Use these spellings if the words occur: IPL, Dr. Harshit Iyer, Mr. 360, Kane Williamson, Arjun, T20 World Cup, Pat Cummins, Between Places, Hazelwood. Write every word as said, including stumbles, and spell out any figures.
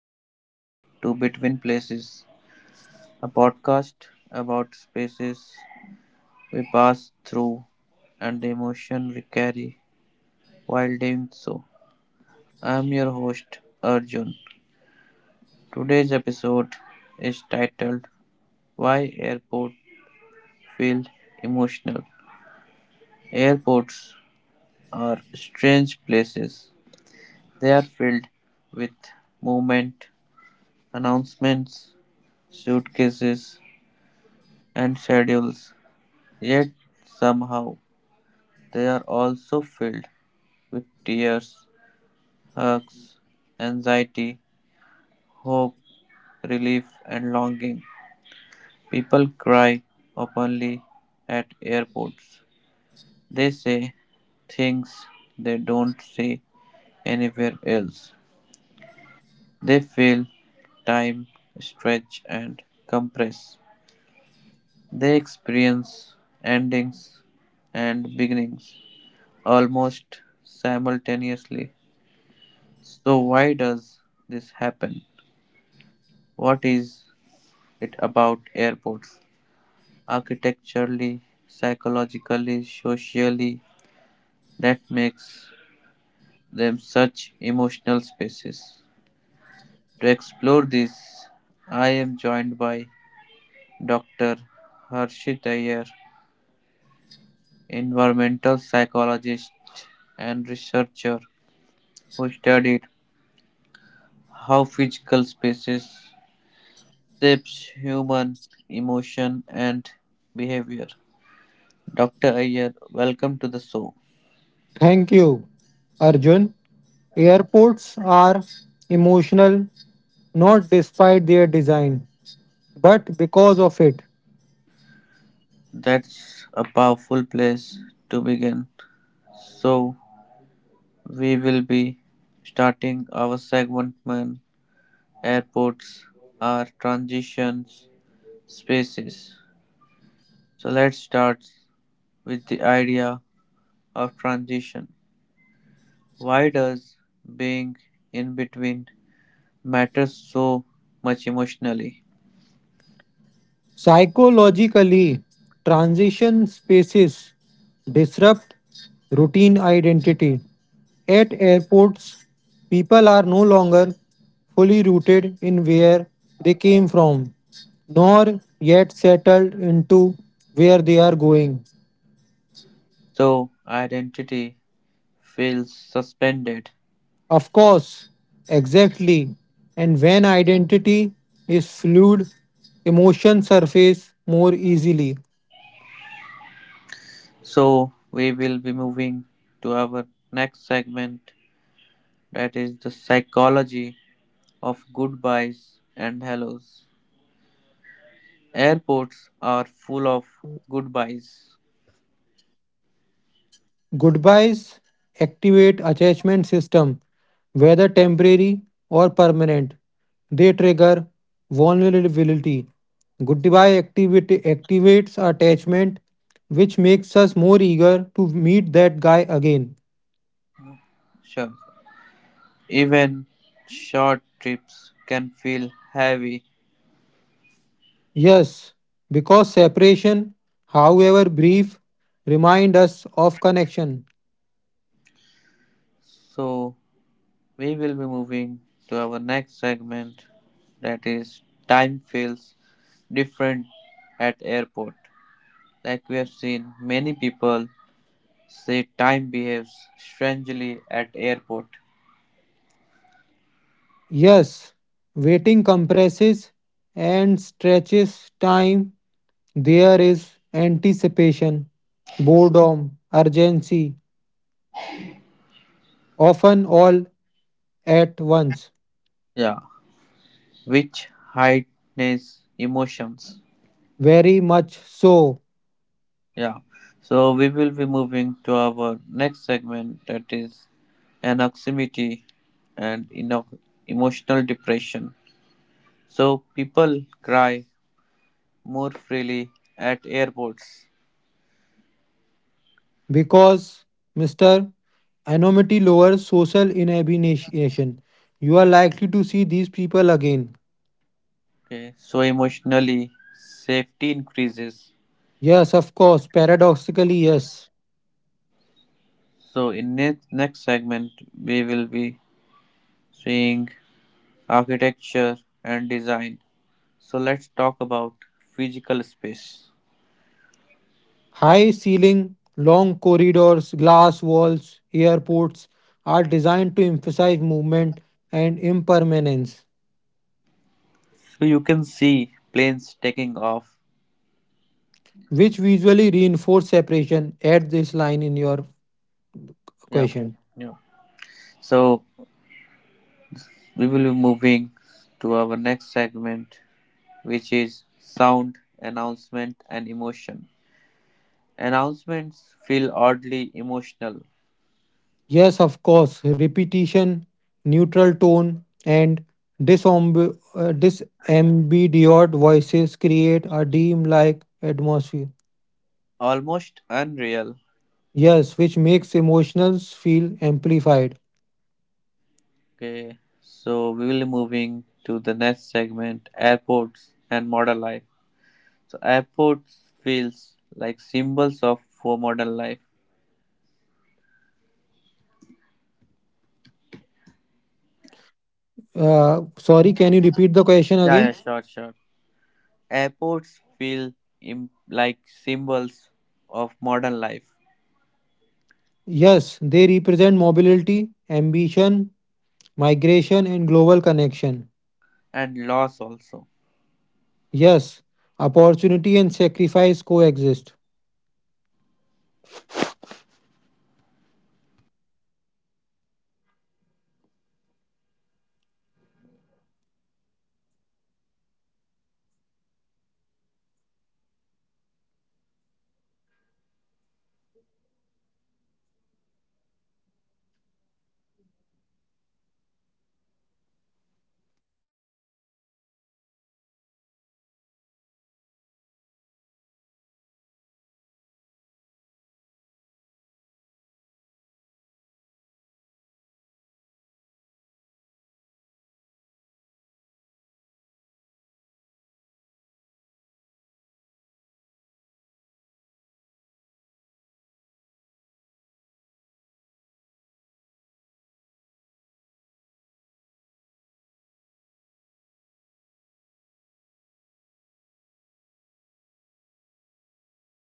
and welcome to Between Places, a podcast about spaces we pass through and the emotion we carry while doing so. I am your host Arjun. Today's episode is titled Why Airport Feel Emotional. Airports are strange places. They are filled with movement, announcements, suitcases, and schedules. Yet somehow they are also filled with tears, hugs, anxiety, hope, relief, and longing. People cry openly at airports. They say things they don't see anywhere else. They feel time stretch and compress. They experience endings and beginnings almost simultaneously. So, why does this happen? What is it about airports? Architecturally, psychologically, socially, that makes them such emotional spaces. To explore this, I am joined by Doctor Harshit Iyer, environmental psychologist and researcher who studied how physical spaces shapes human emotion and behavior. Doctor Ayer, welcome to the show. Thank you, Arjun. Airports are emotional not despite their design, but because of it. That's a powerful place to begin. So, we will be starting our segment when airports are transition spaces. So, let's start with the idea of transition. Why does being in between matter so much emotionally? Psychologically, transition spaces disrupt routine identity. At airports, people are no longer fully rooted in where they came from, nor yet settled into where they are going. So, identity feels suspended. Of course, exactly. And when identity is fluid, emotions surface more easily. So, we will be moving to our next segment that is the psychology of goodbyes and hellos. Airports are full of goodbyes. Goodbyes activate attachment system, whether temporary or permanent. They trigger vulnerability. Goodbye activity activates attachment, which makes us more eager to meet that guy again. Sure. Even short trips can feel heavy. Yes, because separation, however brief, remind us of connection. So, we will be moving to our next segment that is time feels different at airport, like we have seen many people say time behaves strangely at airport. Yes, waiting compresses and stretches time. There is anticipation, boredom, urgency, often all at once. Yeah. Which heightens emotions. Very much so, Yeah. So we will be moving to our next segment that is anxiety and ino- emotional depression. So people cry more freely at airports. because mister Anonymity lowers social inhibition. You are likely to see these people again. Okay. So emotionally safety increases. Yes, of course. Paradoxically, yes. So in next next segment we will be seeing architecture and design. So let's talk about physical space. High ceiling, long corridors, glass walls, airports are designed to emphasize movement and impermanence, So you can see planes taking off. which visually reinforce separation. Add this line in your Yeah, question. yeah. So we will be moving to our next segment, which is sound, announcement, and emotion. Announcements feel oddly emotional, Yes, of course. Repetition, neutral tone, and disamb- uh, disambiguous voices create a dreamlike atmosphere. almost unreal. Yes, which makes emotions feel amplified. Okay, so we will be moving to the next segment, airports and modern life. So airports feels like symbols of for modern life. Uh, sorry, can you repeat the question Yeah, yeah, again? sure, sure. Airports feel im- like symbols of modern life Yes, they represent mobility, ambition, migration, and global connection. and loss also. Yes, opportunity and sacrifice coexist.